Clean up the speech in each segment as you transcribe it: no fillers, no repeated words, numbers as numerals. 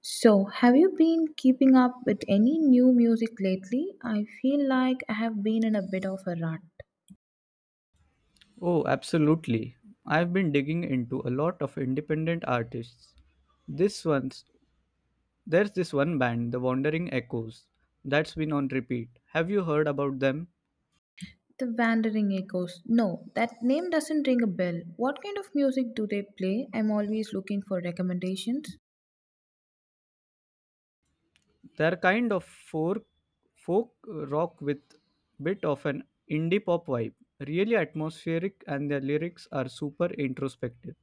So, have you been keeping up with any new music lately? I feel like I have been in a bit of a rut. Oh, absolutely. I've been digging into a lot of independent artists. This one's there's this one band, The Wandering Echoes, that's been on repeat. Have you heard about them? The Wandering Echoes. No, that name doesn't ring a bell. What kind of music do they play? I'm always looking for recommendations. They're kind of folk rock with bit of an indie pop vibe. Really atmospheric and their lyrics are super introspective.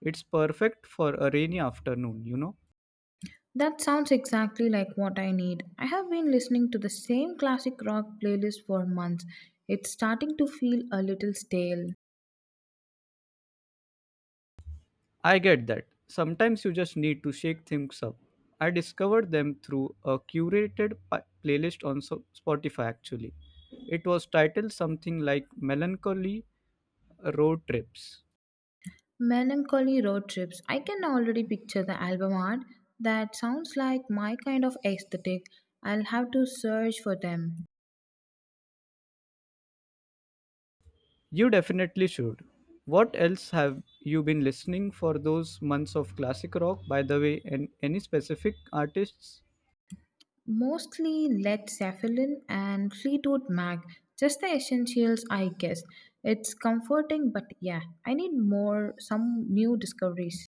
It's perfect for a rainy afternoon. That sounds exactly like what I need. I have been listening to the same classic rock playlist for months. It's starting to feel a little stale. I get that. Sometimes you just need to shake things up. I discovered them through a curated playlist on Spotify actually. It was titled something like Melancholy Road Trips. Melancholy road trips. I can already picture the album art. That sounds like my kind of aesthetic. I'll have to search for them. You definitely should. What else have you been listening for those months of classic rock by the way and any specific artists? Mostly Led Zeppelin and Fleetwood Mac. Just the essentials, I guess. It's comforting, but yeah, I need more, some new discoveries.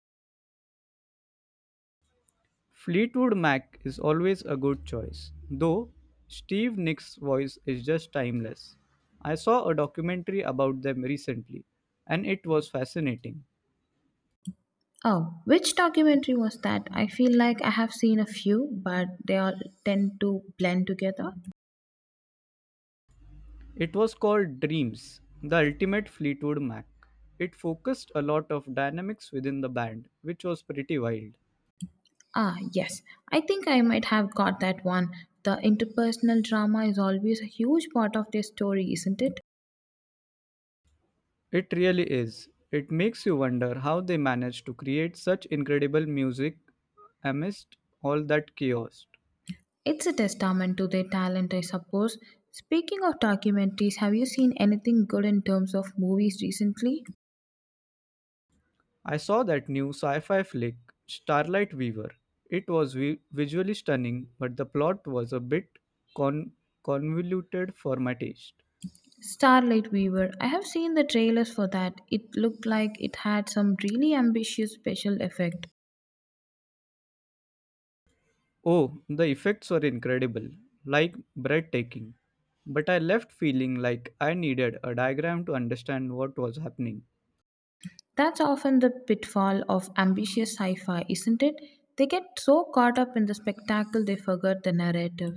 Fleetwood Mac is always a good choice, though Steve Nick's voice is just timeless. I saw a documentary about them recently, and it was fascinating. Oh, which documentary was that? I feel like I have seen a few, but they all tend to blend together. It was called Dreams, the ultimate Fleetwood Mac. It focused a lot of dynamics within the band, which was pretty wild. Ah, yes. I think I might have got that one. The interpersonal drama is always a huge part of their story, isn't it? It really is. It makes you wonder how they managed to create such incredible music amidst all that chaos. It's a testament to their talent, I suppose. Speaking of documentaries, have you seen anything good in terms of movies recently? I saw that new sci fi flick, Starlight Weaver. It was visually stunning, but the plot was a bit con- convoluted for my taste. Starlight Weaver. I have seen the trailers for that. It looked like it had some really ambitious special effect. Oh, the effects were incredible, like breathtaking. But I left feeling like I needed a diagram to understand what was happening. That's often the pitfall of ambitious sci-fi, isn't it? They get so caught up in the spectacle they forget the narrative.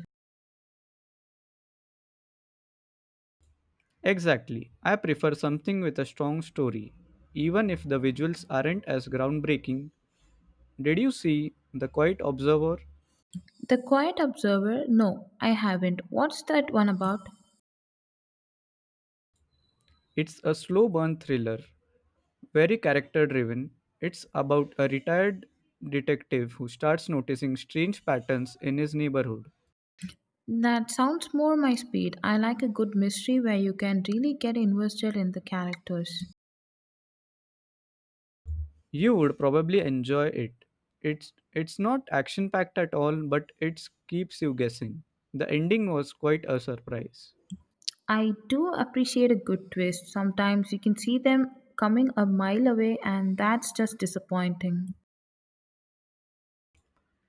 Exactly. I prefer something with a strong story, even if the visuals aren't as groundbreaking. Did you see The Quiet Observer? The Quiet Observer? No, I haven't. What's that one about? It's a slow burn thriller, very character driven. It's about a retired detective who starts noticing strange patterns in his neighborhood. That sounds more my speed. I like a good mystery where you can really get invested in the characters. You would probably enjoy it. It's not action packed at all, but it keeps you guessing. The ending was quite a surprise. I do appreciate a good twist. Sometimes you can see them coming a mile away, and that's just disappointing.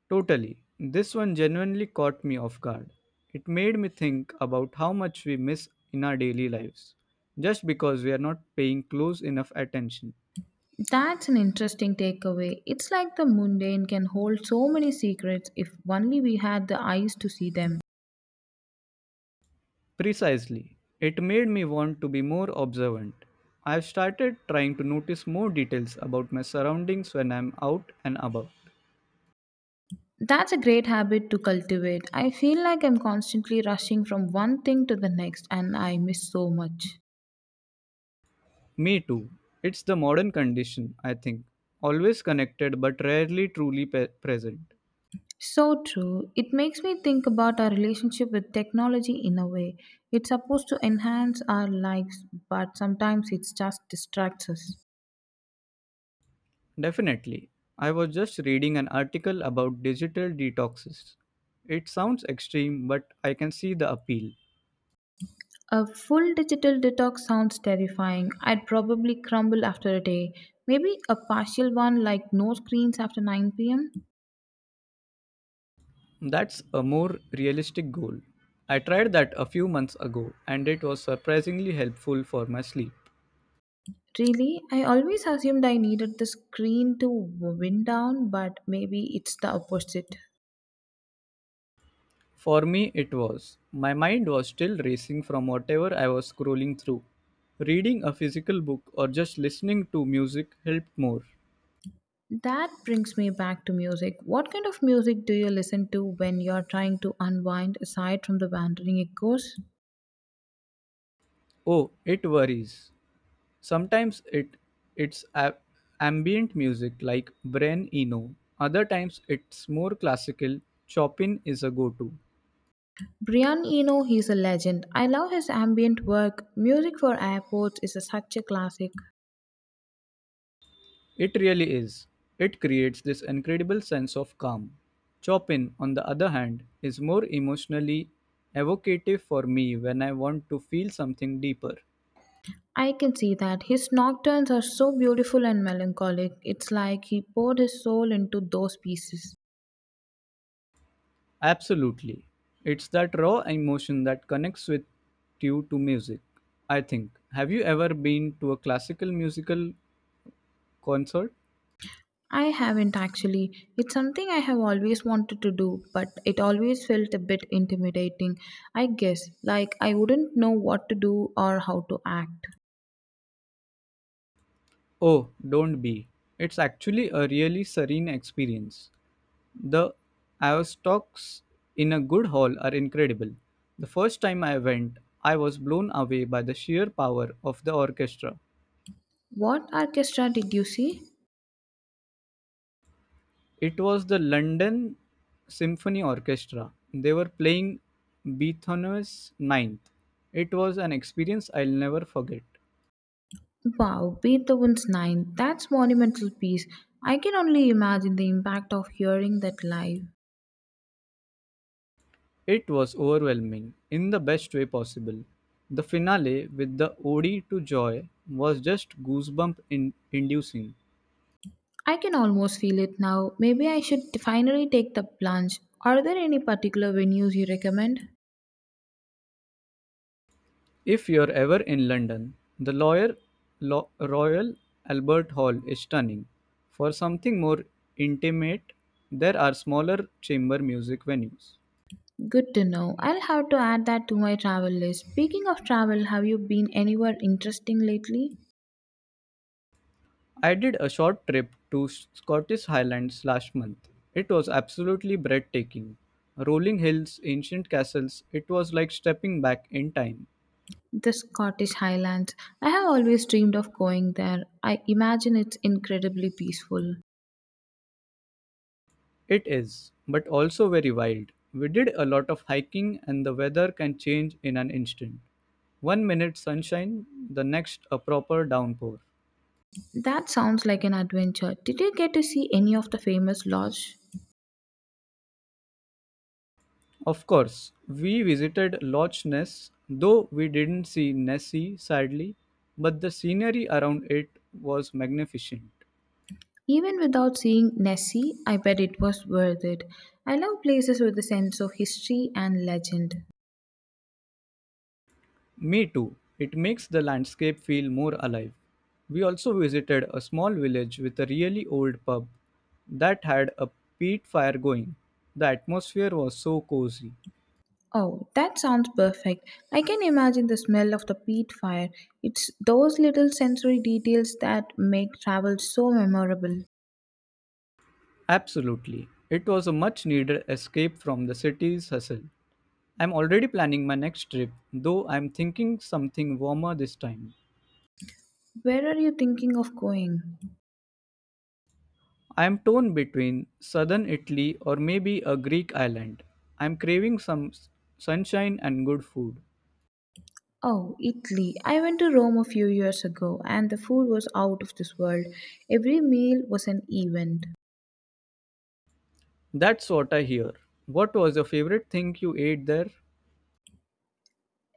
Totally. This one genuinely caught me off guard. It made me think about how much we miss in our daily lives just because we are not paying close enough attention. That's an interesting takeaway. It's like the mundane can hold so many secrets if only we had the eyes to see them. Precisely. It made me want to be more observant. I've started trying to notice more details about my surroundings when I'm out and about. That's a great habit to cultivate. I feel like I'm constantly rushing from one thing to the next and I miss so much. Me too. It's the modern condition, I think. Always connected but rarely truly present. So true. It makes me think about our relationship with technology in a way. It's supposed to enhance our lives, but sometimes it just distracts us. Definitely. I was just reading an article about digital detoxes. It sounds extreme, but I can see the appeal. A full digital detox sounds terrifying. I'd probably crumble after a day. Maybe a partial one like no screens after 9 p.m.? That's a more realistic goal. I tried that a few months ago and it was surprisingly helpful for my sleep. Really, I always assumed I needed the screen to wind down, but maybe it's the opposite. For me, it was. My mind was still racing from whatever I was scrolling through. Reading a physical book or just listening to music helped more. That brings me back to music. What kind of music do you listen to when you're trying to unwind aside from the wandering echoes? Oh, it worries. Sometimes it's a- ambient music like Bren Eno. Other times it's more classical. Chopin is a go-to. Brian Eno, he's a legend. I love his ambient work. Music for Airports such a classic. It really is. It creates this incredible sense of calm. Chopin, on the other hand, is more emotionally evocative for me when I want to feel something deeper. I can see that. His nocturnes are so beautiful and melancholic. It's like he poured his soul into those pieces. Absolutely. It's that raw emotion that connects with you to music, I think. Have you ever been to a classical musical concert? I haven't actually. It's something I have always wanted to do, but it always felt a bit intimidating, I guess. Like I wouldn't know what to do or how to act. Oh, don't be. It's actually a really serene experience. The Aztecs in a good hall are incredible. The first time I went, I was blown away by the sheer power of the orchestra. What orchestra did you see? It was the London Symphony Orchestra. They were playing Beethoven's Ninth. It was an experience I'll never forget. Wow, Beethoven's Nine. That's monumental piece. I can only imagine the impact of hearing that live. It was overwhelming in the best way possible. The finale with the Ode to Joy was just goosebump inducing. I can almost feel it now. Maybe I should finally take the plunge. Are there any particular venues you recommend? If you're ever in London, the Royal Albert Hall is stunning. For something more intimate, there are smaller chamber music venues. Good to know. I'll have to add that to my travel list. Speaking of travel, have you been anywhere interesting lately? I did a short trip to Scottish Highlands last month. It was absolutely breathtaking. Rolling hills, ancient castles, it was like stepping back in time. The Scottish Highlands. I have always dreamed of going there. I imagine it's incredibly peaceful. It is, but also very wild. We did a lot of hiking, and the weather can change in an instant. One minute sunshine, the next a proper downpour. That sounds like an adventure. Did you get to see any of the famous lodges? Of course, we visited Loch Ness, though we didn't see Nessie sadly, but the scenery around it was magnificent. Even without seeing Nessie, I bet it was worth it. I love places with a sense of history and legend. Me too, it makes the landscape feel more alive. We also visited a small village with a really old pub that had a peat fire going. The atmosphere was so cozy. Oh, that sounds perfect. I can imagine the smell of the peat fire. It's those little sensory details that make travel so memorable. Absolutely, it was a much needed escape from the city's hustle. I'm already planning my next trip, though I'm thinking something warmer this time. Where are you thinking of going? I'm torn between southern Italy or maybe a Greek island. I'm craving some sunshine and good food. Oh, Italy. I went to Rome a few years ago and the food was out of this world. Every meal was an event. That's what I hear. What was your favorite thing you ate there?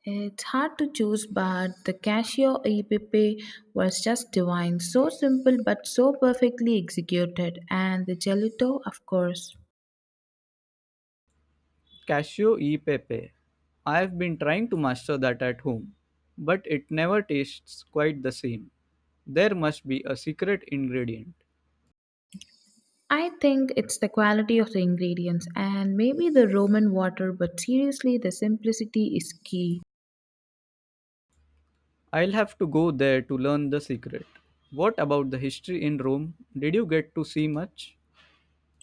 It's hard to choose, but the cashier e pepe was just divine. So simple, but so perfectly executed. And the gelato, of course. Cashew e pepe. I've been trying to master that at home, but it never tastes quite the same. There must be a secret ingredient. I think it's the quality of the ingredients and maybe the Roman water, but seriously, the simplicity is key. I'll have to go there to learn the secret. What about the history in Rome? Did you get to see much?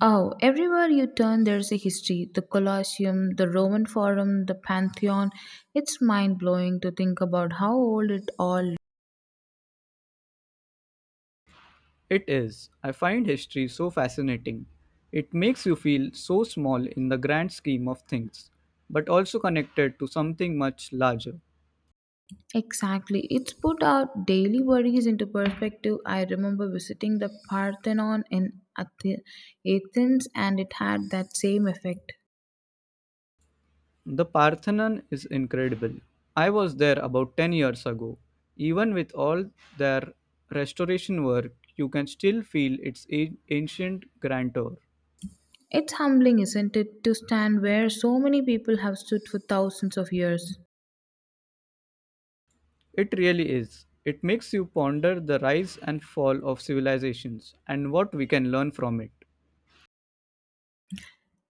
Oh, everywhere you turn, there's a history the Colosseum, the Roman Forum, the Pantheon. It's mind blowing to think about how old it all It is. I find history so fascinating. It makes you feel so small in the grand scheme of things, but also connected to something much larger. Exactly. It's put our daily worries into perspective. I remember visiting the Parthenon in Athens, and it had that same effect. The Parthenon is incredible. I was there about 10 years ago. Even with all their restoration work, you can still feel its ancient grandeur. It's humbling, isn't it, to stand where so many people have stood for thousands of years. It really is. It makes you ponder the rise and fall of civilizations and what we can learn from it.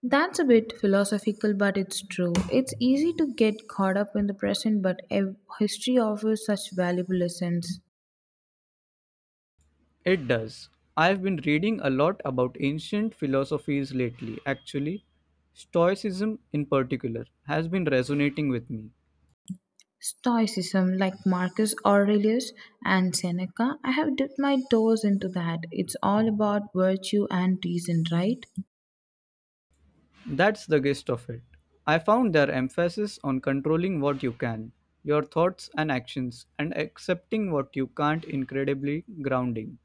That's a bit philosophical, but it's true. It's easy to get caught up in the present, but history offers such valuable lessons. It does. I've been reading a lot about ancient philosophies lately, actually. Stoicism, in particular, has been resonating with me. Stoicism, like Marcus Aurelius and Seneca, I have dipped my toes into that. It's all about virtue and reason, right? That's the gist of it. I found their emphasis on controlling what you can, your thoughts and actions, and accepting what you can't incredibly grounding.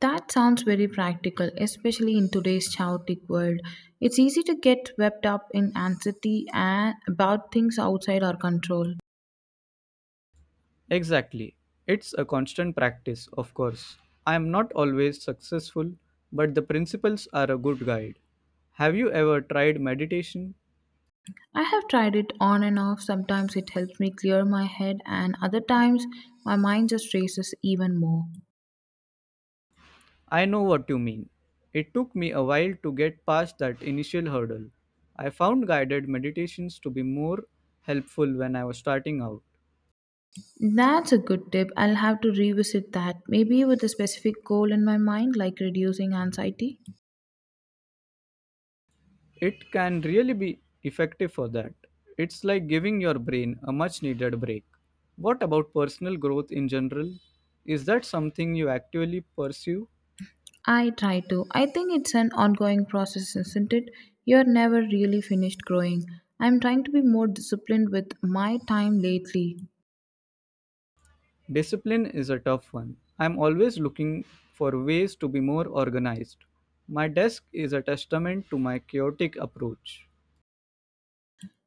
That sounds very practical, especially in today's chaotic world. It's easy to get swept up in anxiety and about things outside our control. Exactly. It's a constant practice, of course. I am not always successful, but the principles are a good guide. Have you ever tried meditation? I have tried it on and off. Sometimes it helps me clear my head, and other times my mind just races even more. I know what you mean. It took me a while to get past that initial hurdle. I found guided meditations to be more helpful when I was starting out. That's a good tip. I'll have to revisit that, maybe with a specific goal in my mind, like reducing anxiety. It can really be effective for that. It's like giving your brain a much needed break. What about personal growth in general? Is that something you actively pursue? I try to. I think it's an ongoing process, isn't it? You're never really finished growing. I'm trying to be more disciplined with my time lately. Discipline is a tough one. I'm always looking for ways to be more organized. My desk is a testament to my chaotic approach.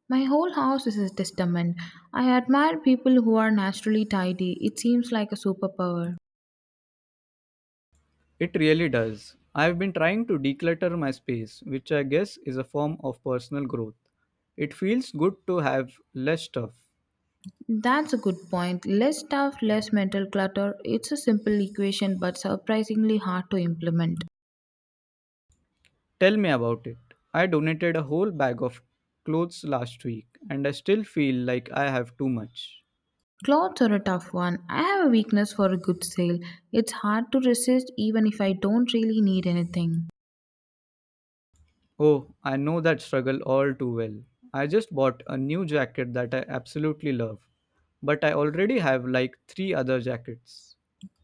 My whole house is a testament. I admire people who are naturally tidy. It seems like a superpower. It really does. I've been trying to declutter my space, which I guess is a form of personal growth. It feels good to have less stuff. That's a good point. Less stuff, less mental clutter. It's a simple equation but surprisingly hard to implement. Tell me about it. I donated a whole bag of clothes last week and I still feel like I have too much. Clothes are a tough one. I have a weakness for a good sale. It's hard to resist even if I don't really need anything. Oh, I know that struggle all too well. I just bought a new jacket that I absolutely love, but I already have like three other jackets.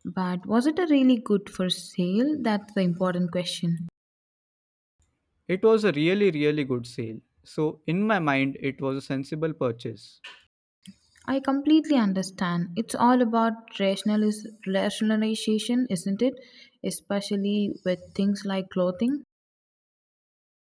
But was it a really good for sale? That's the important question. It was a really, really good sale, so in my mind, it was a sensible purchase. I completely understand. It's all about rationalization, isn't it? Especially with things like clothing.